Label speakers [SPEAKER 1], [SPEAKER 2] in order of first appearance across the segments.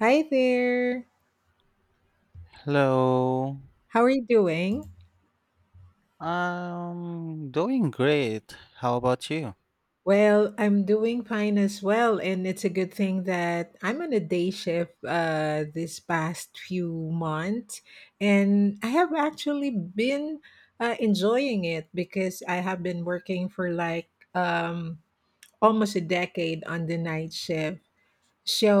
[SPEAKER 1] Hi there.
[SPEAKER 2] Hello.
[SPEAKER 1] How are you doing?
[SPEAKER 2] I'm doing great. How about you?
[SPEAKER 1] Well, I'm doing fine as well, and it's a good thing that I'm on a day shift this past few months, and I have actually been enjoying it because I have been working for like um, almost a decade on the night shift.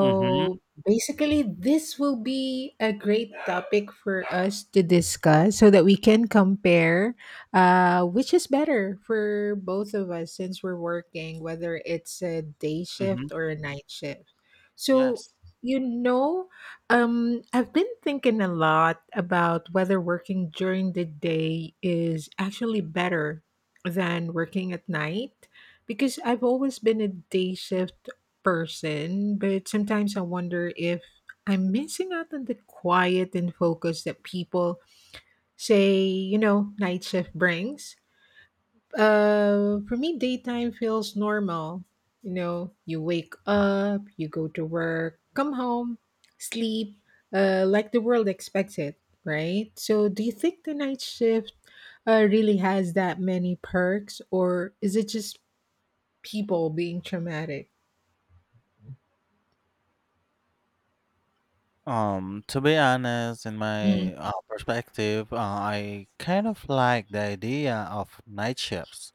[SPEAKER 2] Mm-hmm.
[SPEAKER 1] basically, this will be a great topic for us to discuss so that we can compare which is better for both of us since we're working, whether it's a day
[SPEAKER 2] Mm-hmm.
[SPEAKER 1] shift or a night shift. So,
[SPEAKER 2] Yes.
[SPEAKER 1] you know, I've been thinking a lot about whether working during the day is actually better than working at night because I've always been a day shift person, but sometimes I wonder if I'm missing out on the quiet and focus that people say, you know, night shift brings. For me, daytime feels normal. You know, you wake up, you go to work, come home, sleep, like the world expects it, right? So, do you think the night shift really has that many perks, or is it just people being traumatic?
[SPEAKER 2] To be honest, in
[SPEAKER 1] Mm-hmm.
[SPEAKER 2] my perspective, I kind of like the idea of night shifts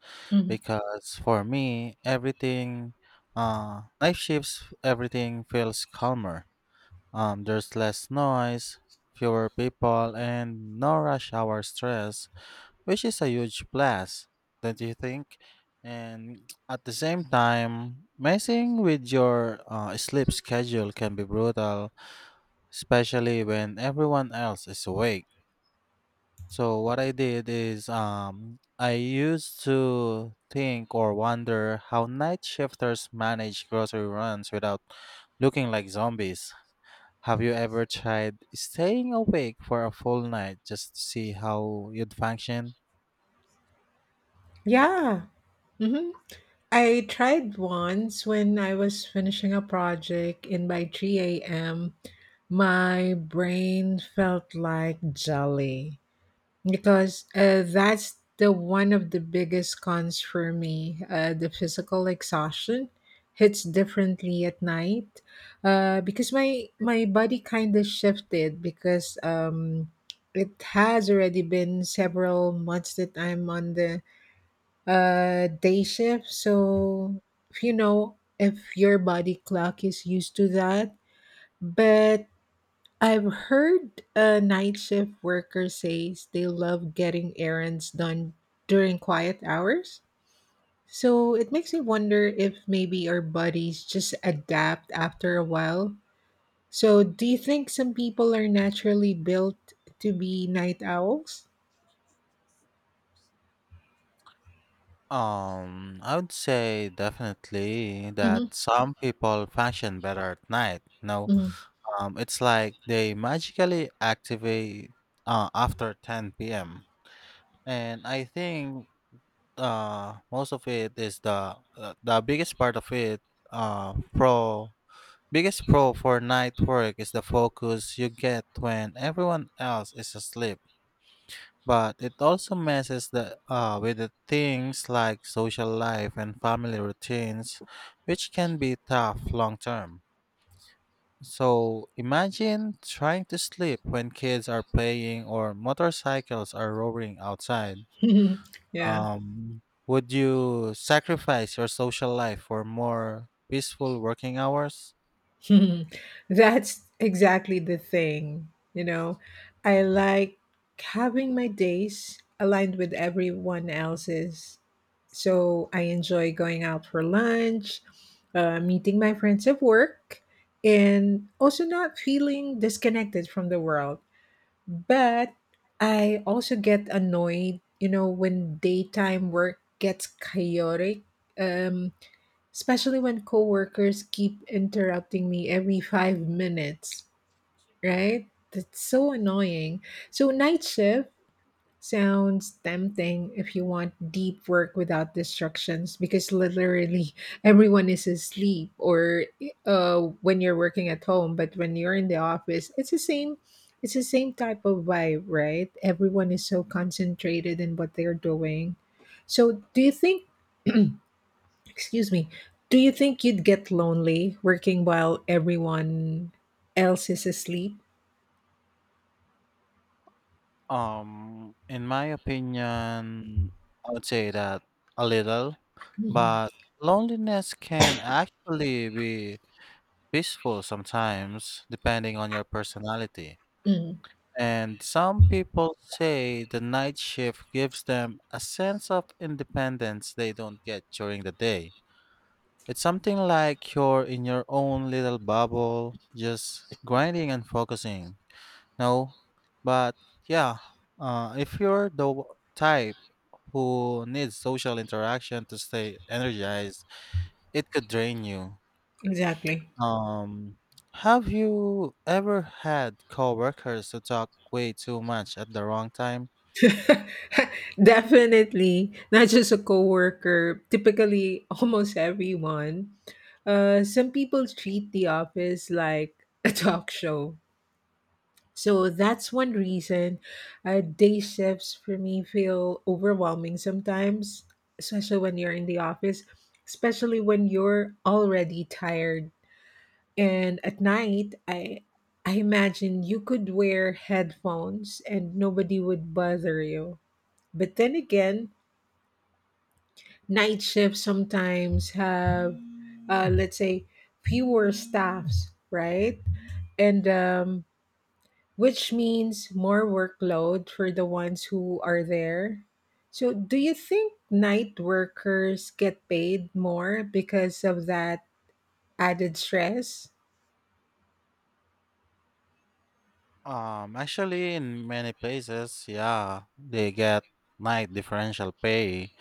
[SPEAKER 2] because for me, night shifts, everything feels calmer. There's less noise, fewer people, and no rush hour stress, which is a huge plus, don't you think? And at the same time, messing with your sleep schedule can be brutal, especially when everyone else is awake. So what I did is I used to think or wonder how night shifters manage grocery runs without looking like zombies. Have you ever tried staying awake for a full night just to see how you'd function?
[SPEAKER 1] Yeah. Hmm. I tried once when I was finishing a project, and by 3 a.m. my brain felt like jelly because that's the one of the biggest cons for me. The physical exhaustion hits differently at night because my body kind of shifted because it has already been several months that I'm on the uh, day shift. So you know, if your body clock is used to that, but I've heard night shift workers say they love getting errands done during quiet hours, so it makes me wonder if maybe our bodies just adapt after a while. So do you think some people are naturally built to be night owls?
[SPEAKER 2] I would say definitely
[SPEAKER 1] Mm-hmm.
[SPEAKER 2] that some people function better at night. No, it's like they magically activate after 10 p.m. And I think most of it is the biggest part of it. Pro Biggest pro for night work is the focus you get when everyone else is asleep, but it also messes with the things like social life and family routines, which can be tough long term. So imagine trying to sleep when kids are playing or motorcycles are roaring outside.
[SPEAKER 1] Mm-hmm. Yeah.
[SPEAKER 2] Would you sacrifice your social life for more peaceful working hours?
[SPEAKER 1] That's exactly the thing. You know, I like having my days aligned with everyone else's. So I enjoy going out for lunch, meeting my friends at work, and also not feeling disconnected from the world. But I also get annoyed, you know, when daytime work gets chaotic. Um, Especially when coworkers keep interrupting me every 5 minutes, right? That's so annoying. So, night shift sounds tempting if you want deep work without distractions because literally everyone is asleep, or when you're working at home. But when you're in the office, it's the same, type of vibe, right? Everyone is so concentrated in what they're doing. So do you think, excuse me, do you think you'd get lonely working while everyone else is asleep?
[SPEAKER 2] In my opinion, I would say that a little,
[SPEAKER 1] Mhm.
[SPEAKER 2] but loneliness can actually be peaceful sometimes, depending on your personality.
[SPEAKER 1] Mm,
[SPEAKER 2] And some people say the night shift gives them a sense of independence they don't get during the day. It's something like you're in your own little bubble, just grinding and focusing. No, but yeah, if you're the type who needs social interaction to stay energized, it could drain you.
[SPEAKER 1] exactly.
[SPEAKER 2] Um, have you ever had coworkers who talk way too much at the wrong time?
[SPEAKER 1] Definitely. Not just a coworker, typically almost everyone. Some people treat the office like a talk show. So that's one reason day shifts for me feel overwhelming sometimes, especially when you're in the office, especially when you're already tired. And at night, I imagine you could wear headphones and nobody would bother you. But then again, night shifts sometimes have, let's say, fewer staffs, right? And which means more workload for the ones who are there. So, do you think night workers get paid more because of that added stress?
[SPEAKER 2] Actually, in many places, yeah, they get night differential pay,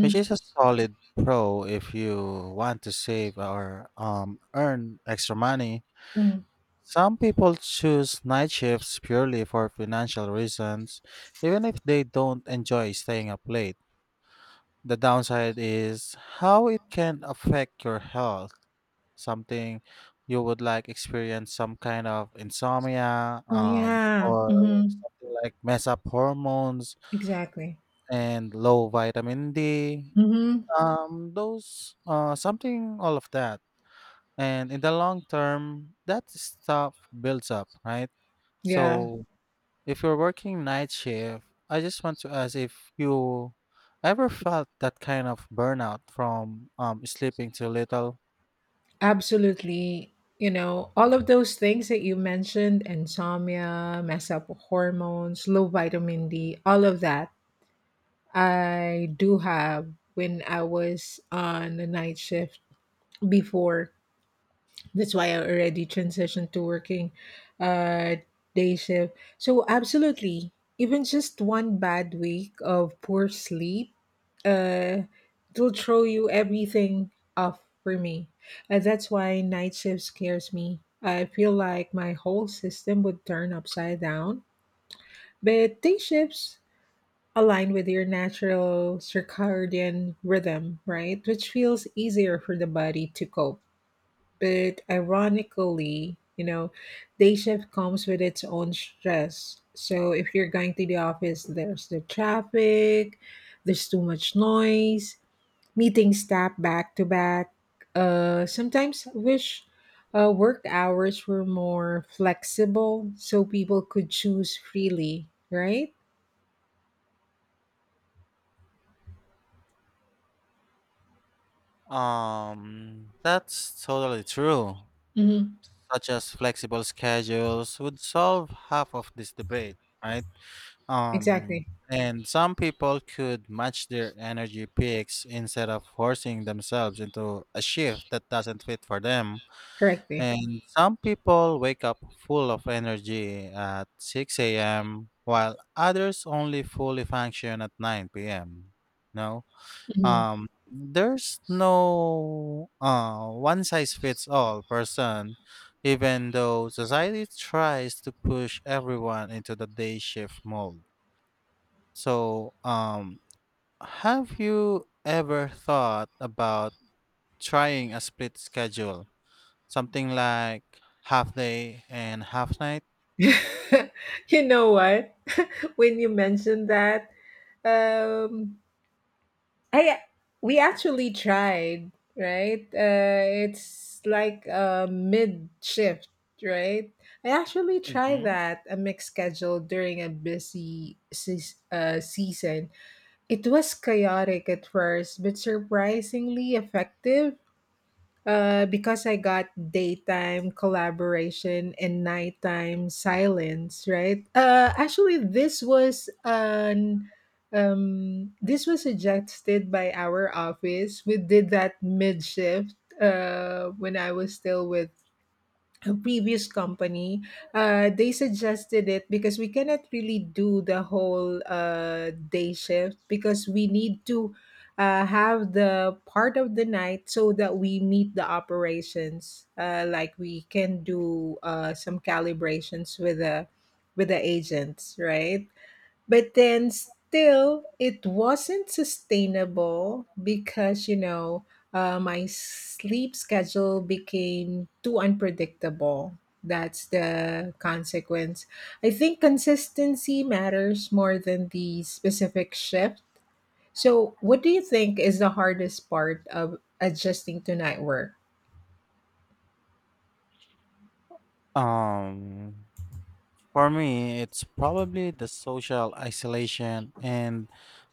[SPEAKER 2] which is a solid pro if you want to save or earn extra money.
[SPEAKER 1] Mm.
[SPEAKER 2] Some people choose night shifts purely for financial reasons, even if they don't enjoy staying up late. The downside is how it can affect your health, something you would like experience some kind of insomnia,
[SPEAKER 1] Oh, yeah.
[SPEAKER 2] or
[SPEAKER 1] Hmm.
[SPEAKER 2] something like mess up hormones
[SPEAKER 1] Exactly.
[SPEAKER 2] and low vitamin D.
[SPEAKER 1] Hmm.
[SPEAKER 2] Those something all of that, and in the long term, that stuff builds up, right?
[SPEAKER 1] Yeah,
[SPEAKER 2] So if you're working night shift, I just want to ask if you ever felt that kind of burnout from sleeping too little?
[SPEAKER 1] absolutely. You know, all of those things that you mentioned, insomnia, mess up with hormones, low vitamin D, all of that, I do have when I was on the night shift before. That's why I already transitioned to working uh, day shift. So absolutely, even just one bad week of poor sleep, uh, it'll throw you everything off for me. And that's why night shift scares me. I feel like my whole system would turn upside down. But day shifts align with your natural circadian rhythm, right? Which feels easier for the body to cope. But ironically, you know, day shift comes with its own stress. So if you're going to the office, there's the traffic, there's too much noise, meetings tap back to back. Sometimes I wish work hours were more flexible so people could choose freely, right?
[SPEAKER 2] That's totally true.
[SPEAKER 1] Mm-hmm.
[SPEAKER 2] Such as flexible schedules would solve half of this debate, right? Um,
[SPEAKER 1] Exactly.
[SPEAKER 2] and some people could match their energy peaks instead of forcing themselves into a shift that doesn't fit for them.
[SPEAKER 1] Correctly.
[SPEAKER 2] And some people wake up full of energy at 6 a.m., while others only fully function at 9 p.m. No,
[SPEAKER 1] Mhm.
[SPEAKER 2] there's no one size fits all person, even though society tries to push everyone into the day shift mold. So, have you ever thought about trying a split schedule? Something like half day and half night.
[SPEAKER 1] You know what? When you mentioned that, um, I, we actually tried, right? It's like a mid shift, right? I actually tried
[SPEAKER 2] Mhm.
[SPEAKER 1] that, a mixed schedule during a busy season. It was chaotic at first, but surprisingly effective. Because I got daytime collaboration and nighttime silence, right? Actually, this was an this was suggested by our office. We did that mid shift when I was still with a previous company, they suggested it because we cannot really do the whole day shift because we need to have the part of the night so that we meet the operations. Like we can do some calibrations with the agents, right? But then still, it wasn't sustainable because, you know, my sleep schedule became too unpredictable. That's the consequence. I think consistency matters more than the specific shift. So, what do you think is the hardest part of adjusting to night work?
[SPEAKER 2] Um, for me, it's probably the social isolation and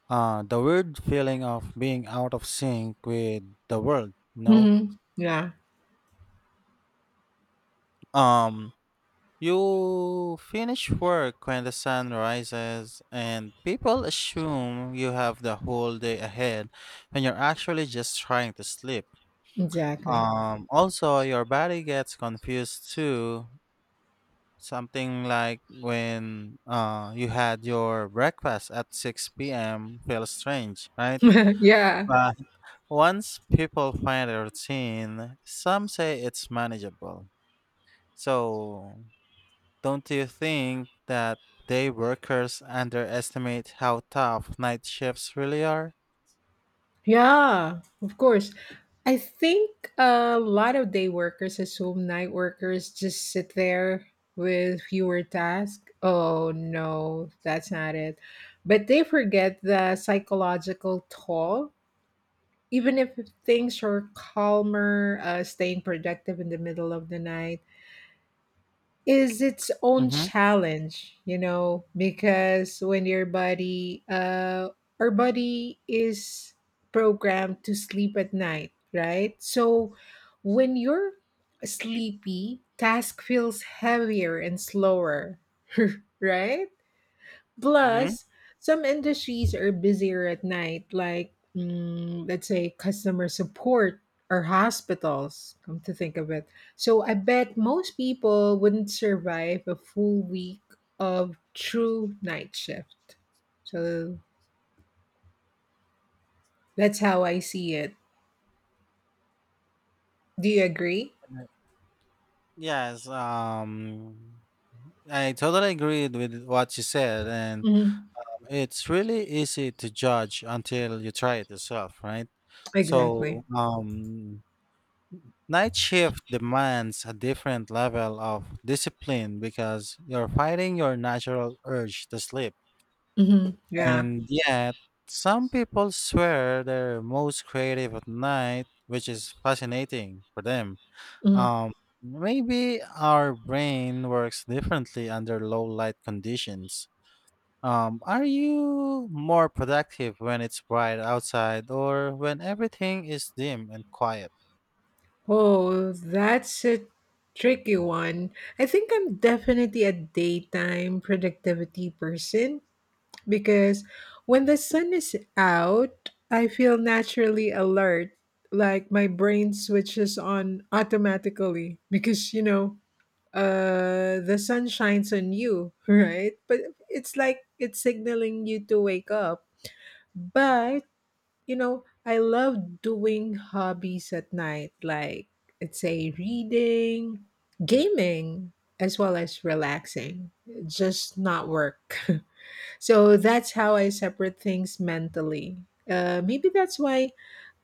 [SPEAKER 2] the weird feeling of being out of sync with the world. You know,
[SPEAKER 1] Hmm. Yeah,
[SPEAKER 2] um, you finish work when the sun rises, and people assume you have the whole day ahead when you're actually just trying to sleep.
[SPEAKER 1] exactly.
[SPEAKER 2] Also, your body gets confused too. Something like when you had your breakfast at 6 p.m. feels strange, right?
[SPEAKER 1] Yeah.
[SPEAKER 2] But once people find a routine, some say it's manageable. So, don't you think that day workers underestimate how tough night shifts really are?
[SPEAKER 1] Yeah, of course. I think a lot of day workers assume night workers just sit there with fewer tasks. Oh no, that's not it. But they forget the psychological toll. Even if things are calmer, staying productive in the middle of the night is its own
[SPEAKER 2] Mm-hmm.
[SPEAKER 1] challenge, you know, because when your body, our body is programmed to sleep at night, right? So when you're sleepy, task feels heavier and slower, right?
[SPEAKER 2] Mm-hmm.
[SPEAKER 1] Plus, some industries are busier at night, like mm, let's say customer support or hospitals, come to think of it. So I bet most people wouldn't survive a full week of true night shift. So that's how I see it. Do you agree?
[SPEAKER 2] Yes, I totally agreed with what you said, and
[SPEAKER 1] Hmm.
[SPEAKER 2] it's really easy to judge until you try it yourself, right?
[SPEAKER 1] Exactly.
[SPEAKER 2] So, night shift demands a different level of discipline because you're fighting your natural urge to sleep.
[SPEAKER 1] Hmm. Yeah.
[SPEAKER 2] And yet, some people swear they're most creative at night, which is fascinating for them.
[SPEAKER 1] Mm-hmm.
[SPEAKER 2] Um, Maybe our brain works differently under low light conditions. Are you more productive when it's bright outside or when everything is dim and quiet?
[SPEAKER 1] Oh, that's a tricky one. I think I'm definitely a daytime productivity person because when the sun is out, I feel naturally alert, like my brain switches on automatically because, you know, uh, the sun shines on you, right? But it's like it's signaling you to wake up. But you know, I love doing hobbies at night, like, let's say, reading, gaming, as well as relaxing, just not work. So that's how I separate things mentally. Maybe that's why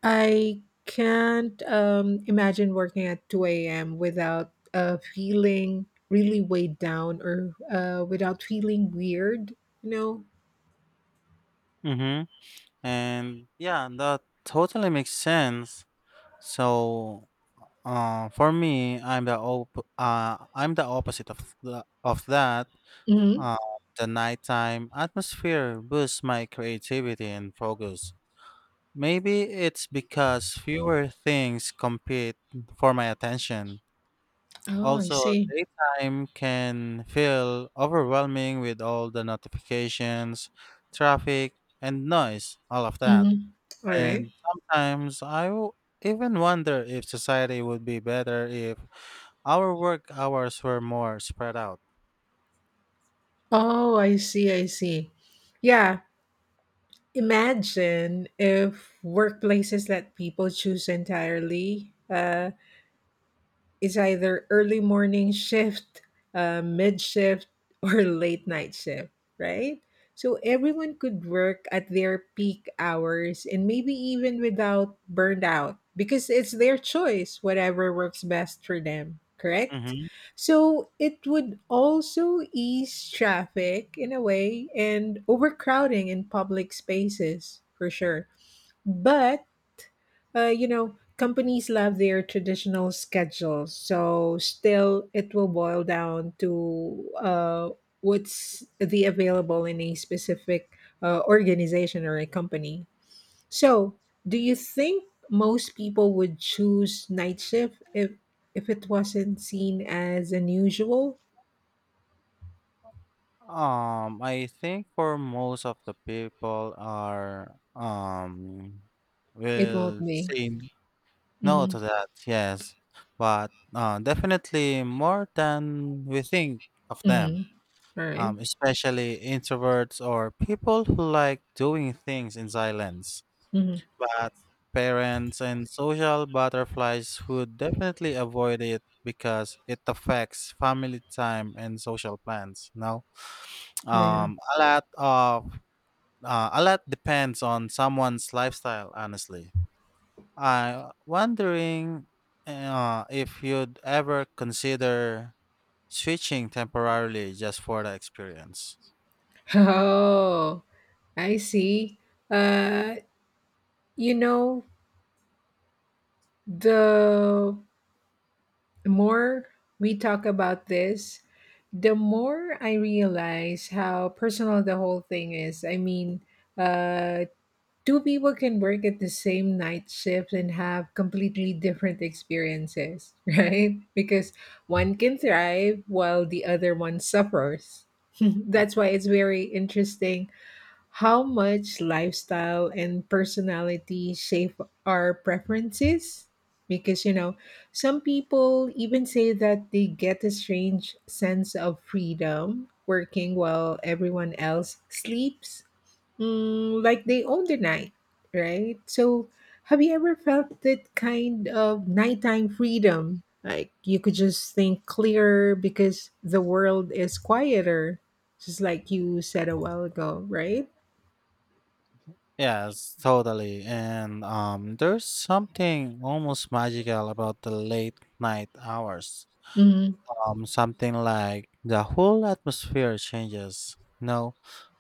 [SPEAKER 1] I can't imagine working at 2 a.m. without feeling really weighed down, or without feeling weird, you know?
[SPEAKER 2] Mm-hmm. And yeah, that totally makes sense. So, for me, I'm the opposite of that.
[SPEAKER 1] Hmm.
[SPEAKER 2] Uh, the nighttime atmosphere boosts my creativity and focus. Maybe it's because fewer things compete for my attention.
[SPEAKER 1] Oh, I
[SPEAKER 2] Also,
[SPEAKER 1] see.
[SPEAKER 2] daytime can feel overwhelming with all the notifications, traffic, and noise, all of that.
[SPEAKER 1] Hmm. All right.
[SPEAKER 2] And sometimes even wonder if society would be better if our work hours were more spread out.
[SPEAKER 1] Oh, I see, I see. Yeah, imagine if workplaces let people choose entirely. It's either early morning shift, mid shift, or late night shift, right? So everyone could work at their peak hours and maybe even without burned out because it's their choice, whatever works best for them, correct?
[SPEAKER 2] hmm
[SPEAKER 1] So it would also ease traffic in a way and overcrowding in public spaces for sure. But you know, companies love their traditional schedules, so still it will boil down to what's the available in a specific organization or a company. So, do you think most people would choose night shift if it wasn't seen as unusual?
[SPEAKER 2] I think for most of the people are
[SPEAKER 1] It won't
[SPEAKER 2] will
[SPEAKER 1] be.
[SPEAKER 2] say no
[SPEAKER 1] Mm-hmm.
[SPEAKER 2] to that, yes. But definitely more than we think of them,
[SPEAKER 1] Mm-hmm. All right.
[SPEAKER 2] especially introverts or people who like doing things in silence.
[SPEAKER 1] Mm-hmm.
[SPEAKER 2] But parents and social butterflies would definitely avoid it because it affects family time and social plans. No,
[SPEAKER 1] Yeah.
[SPEAKER 2] um, a lot of a lot depends on someone's lifestyle, honestly. I am wondering if you'd ever consider switching temporarily just for the experience.
[SPEAKER 1] Oh, I see. Uh, you know, the more we talk about this, the more I realize how personal the whole thing is. I mean, uh, two people can work at the same night shift and have completely different experiences, right? Because one can thrive while the other one suffers.
[SPEAKER 2] Mm.
[SPEAKER 1] That's why it's very interesting how much lifestyle and personality shape our preferences. Because, you know, some people even say that they get a strange sense of freedom working while everyone else sleeps, mm, like they own the night, right? So, have you ever felt that kind of nighttime freedom? Like you could just think clearer because the world is quieter, just like you said a while ago, right?
[SPEAKER 2] Yes, totally. And there's something almost magical about the late night hours.
[SPEAKER 1] Mhm,
[SPEAKER 2] Something like the whole atmosphere changes. No,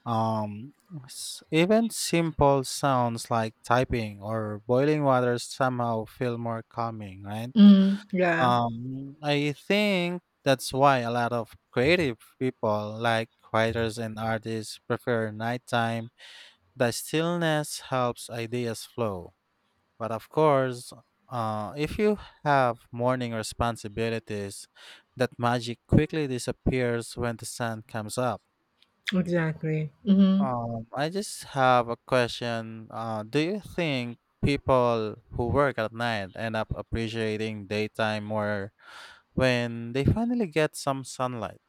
[SPEAKER 2] um, even simple sounds like typing or boiling water somehow feel more calming, right?
[SPEAKER 1] mhm, yeah,
[SPEAKER 2] I think that's why a lot of creative people, like writers and artists, prefer nighttime. The stillness helps ideas flow. But of course, if you have morning responsibilities, that magic quickly disappears when the sun comes up.
[SPEAKER 1] exactly. Mhm.
[SPEAKER 2] I just have a question. Do you think people who work at night end up appreciating daytime more when they finally get some sunlight?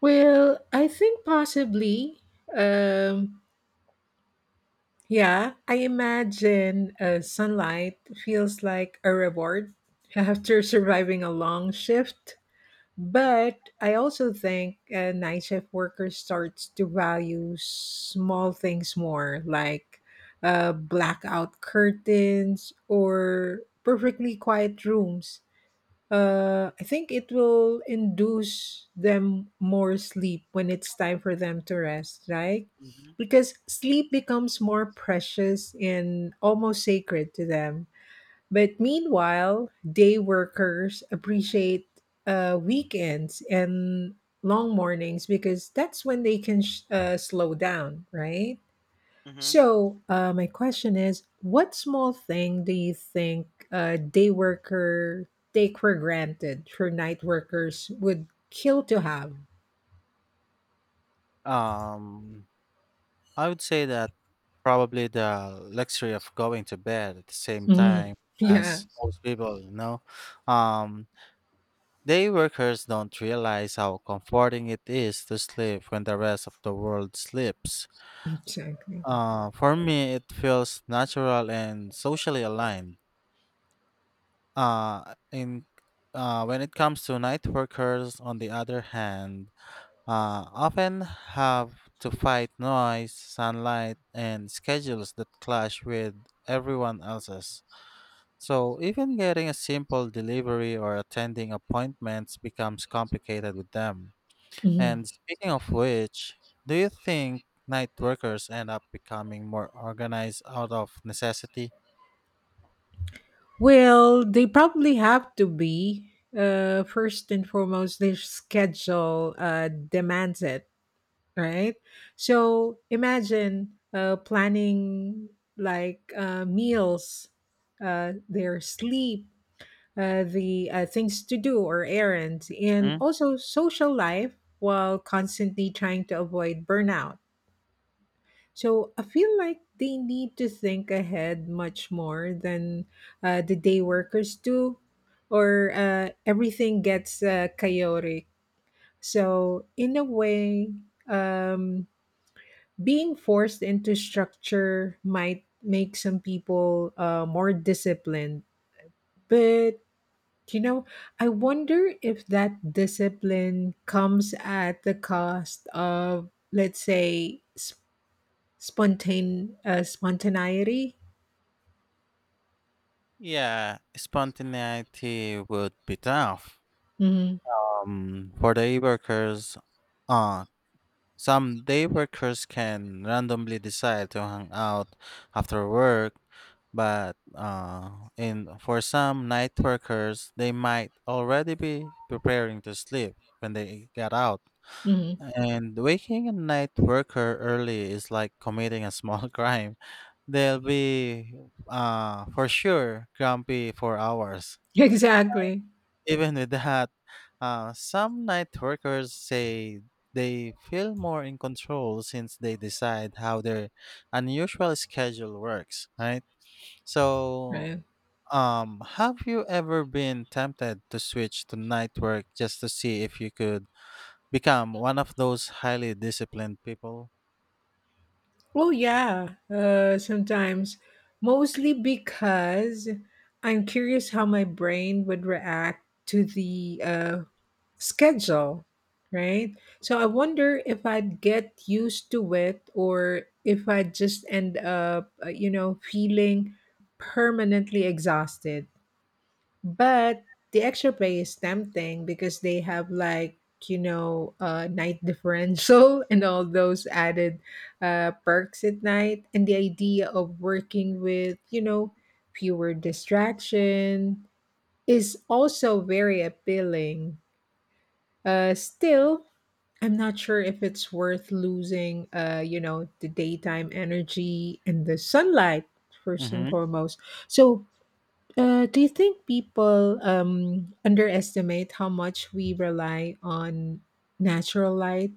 [SPEAKER 1] Well, I think possibly, um, yeah, I imagine sunlight feels like a reward after surviving a long shift. But I also think a night shift worker starts to value small things more, like blackout curtains or perfectly quiet rooms. I think it will induce them more sleep when it's time for them to rest, right? Because sleep becomes more precious and almost sacred to them. But meanwhile, day workers appreciate weekends and long mornings because that's when they can slow down, right?
[SPEAKER 2] Mm-hmm.
[SPEAKER 1] So, my question is, what small thing do you think day worker take for granted for night workers would kill to have?
[SPEAKER 2] um, I would say that probably the luxury of going to bed at the same time
[SPEAKER 1] Mhm. Yeah,
[SPEAKER 2] as most people, you know. um, Day workers don't realize how comforting it is to sleep when the rest of the world sleeps.
[SPEAKER 1] exactly.
[SPEAKER 2] For me, it feels natural and socially aligned. In When it comes to night workers, on the other hand, often have to fight noise, sunlight, and schedules that clash with everyone else's. So, even getting a simple delivery or attending appointments becomes complicated with them.
[SPEAKER 1] Mhm.
[SPEAKER 2] And speaking of which, do you think night workers end up becoming more organized out of necessity?
[SPEAKER 1] Well, they probably have to be. First and foremost, their schedule demands it, right? So imagine planning like meals, their sleep, the things to do or errands, and
[SPEAKER 2] Hmm?
[SPEAKER 1] also social life while constantly trying to avoid burnout. So I feel like they need to think ahead much more than the day workers do, or everything gets chaotic. So, in a way, um, being forced into structure might make some people more disciplined. But You know, I wonder if that discipline comes at the cost of, let's say, spontaneity.
[SPEAKER 2] Yeah, spontaneity would be tough.
[SPEAKER 1] hmm
[SPEAKER 2] For the workers, uh, some day workers can randomly decide to hang out after work, but in for some night workers, they might already be preparing to sleep when they get out.
[SPEAKER 1] hmm
[SPEAKER 2] And waking a night worker early is like committing a small crime. They'll be for sure grumpy for hours.
[SPEAKER 1] Exactly.
[SPEAKER 2] Even with that, some night workers say they feel more in control since they decide how their unusual schedule works, right? So,
[SPEAKER 1] Right.
[SPEAKER 2] have you ever been tempted to switch to night work just to see if you could become one of those highly disciplined people?
[SPEAKER 1] Well, yeah. Sometimes, mostly because I'm curious how my brain would react to the schedule, right? So I wonder if I'd get used to it or if I'd just end up, feeling permanently exhausted. But the extra pay is tempting because they have like, night differential and all those added perks at night. And the idea of working with, fewer distraction is also very appealing. Still, I'm not sure if it's worth losing, the daytime energy and the sunlight first and
[SPEAKER 2] hmm
[SPEAKER 1] foremost. So, do you think people underestimate how much we rely on natural light?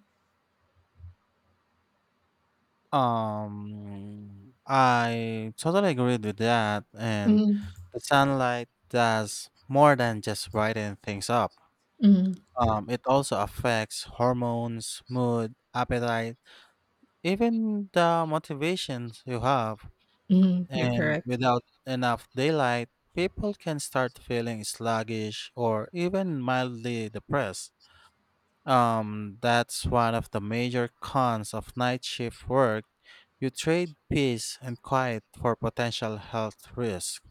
[SPEAKER 2] I totally agreed with that, and
[SPEAKER 1] Mm-hmm.
[SPEAKER 2] the sunlight does more than just brighten things up.
[SPEAKER 1] Mm-hmm.
[SPEAKER 2] It also affects hormones, mood, appetite, even the motivations you have.
[SPEAKER 1] Mm-hmm. You're
[SPEAKER 2] And
[SPEAKER 1] correct.
[SPEAKER 2] without enough daylight, people can start feeling sluggish or even mildly depressed. That's one of the major cons of night shift work. You trade peace and quiet for potential health risk.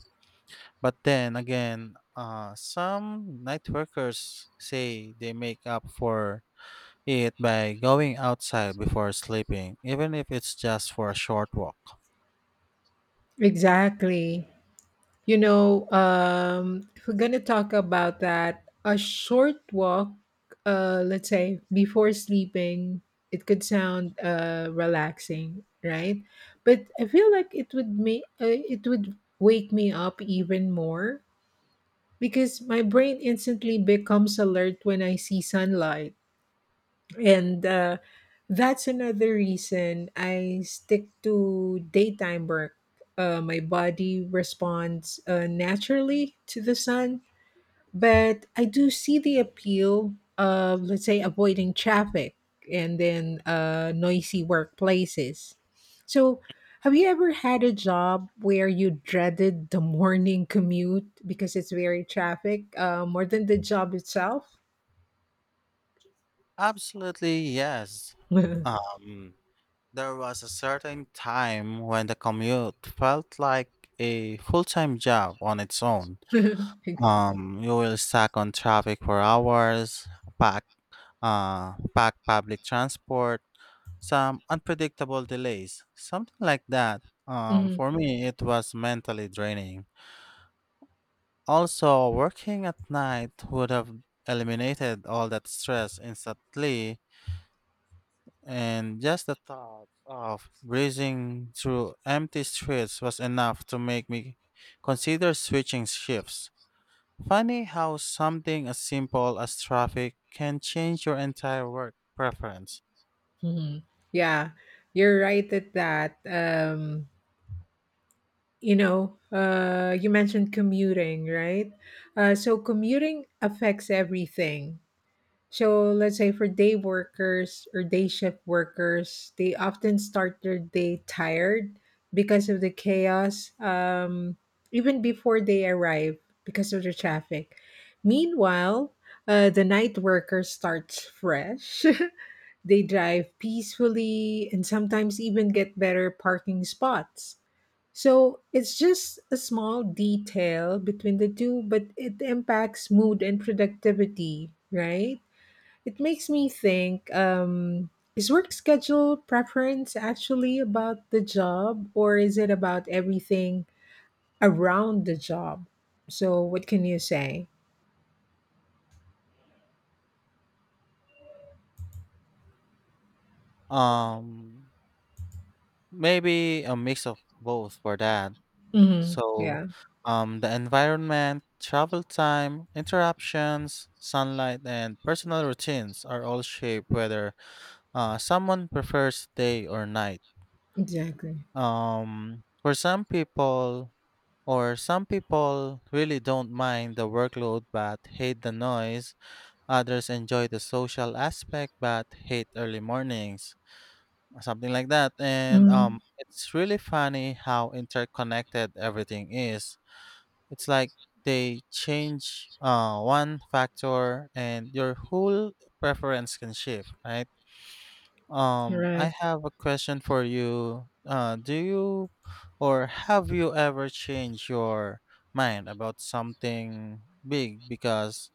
[SPEAKER 2] But then again, some night workers say they make up for it by going outside before sleeping, even if it's just for a short walk.
[SPEAKER 1] Exactly. If we're gonna talk about that, a short walk, let's say before sleeping, it could sound relaxing, right? But I feel like it would wake me up even more because my brain instantly becomes alert when I see sunlight. And that's another reason I stick to daytime work. My body responds naturally to the sun, but I do see the appeal of, let's say, avoiding traffic and then noisy workplaces. So, have you ever had a job where you dreaded the morning commute because it's very traffic more than the job itself?
[SPEAKER 2] Absolutely, yes.
[SPEAKER 1] Mhm.
[SPEAKER 2] Um, there was a certain time when the commute felt like a full-time job on its own. You will stack on traffic for hours, pack, pack public transport, some unpredictable delays, something like that. For me, it was mentally draining. Also, working at night would have eliminated all that stress instantly, and just the thought of breezing through empty streets was enough to make me consider switching shifts. Funny how something as simple as traffic can change your entire work preference.
[SPEAKER 1] Mhm. Yeah, you're right at that. You mentioned commuting, right? So commuting affects everything. So let's say for day workers or day shift workers, they often start their day tired because of the chaos, even before they arrive because of the traffic. Meanwhile, the night worker starts fresh. They drive peacefully and sometimes even get better parking spots. So it's just a small detail between the two, but it impacts mood and productivity, right? It makes me think, is work schedule preference actually about the job, or is it about everything around the job? So, what can you say?
[SPEAKER 2] Um, Maybe a mix of both for that. So,
[SPEAKER 1] Yeah,
[SPEAKER 2] the environment, travel time, interruptions, sunlight, and personal routines are all shaped whether someone prefers day or night.
[SPEAKER 1] exactly.
[SPEAKER 2] Um, for some people, or some people really don't mind the workload but hate the noise. Others enjoy the social aspect but hate early mornings, something like that. And
[SPEAKER 1] hmm
[SPEAKER 2] it's really funny how interconnected everything is. It's like they change one factor and your whole preference can shift, right? I
[SPEAKER 1] Right.
[SPEAKER 2] have a question for you. Do you or Have you ever changed your mind about something big because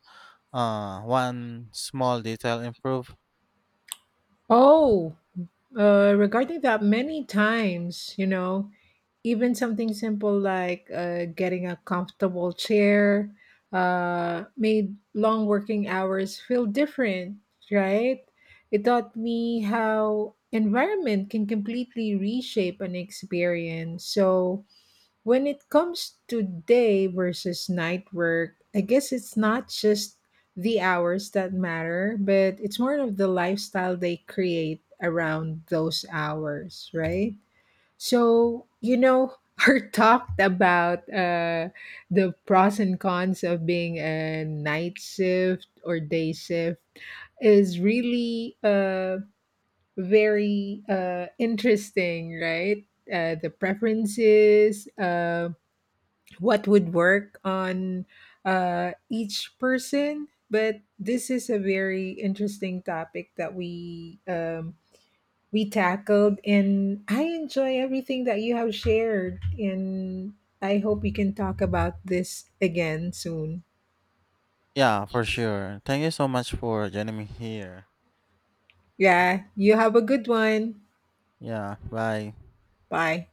[SPEAKER 2] one small detail improved?
[SPEAKER 1] Oh, regarding that, many times, even something simple like getting a comfortable chair made long working hours feel different, right? It taught me how environment can completely reshape an experience. So, when it comes to day versus night work, I guess it's not just the hours that matter, but it's more of the lifestyle they create around those hours, right? So, you know, are talked about the pros and cons of being a night shift or day shift is really very interesting, right? The preferences, what would work on each person. But this is a very interesting topic that we tackled, and I enjoy everything that you have shared. And I hope we can talk about this again soon.
[SPEAKER 2] Yeah, for sure. Thank you so much for joining me here.
[SPEAKER 1] Yeah, you have a good one.
[SPEAKER 2] Yeah, bye.
[SPEAKER 1] Bye.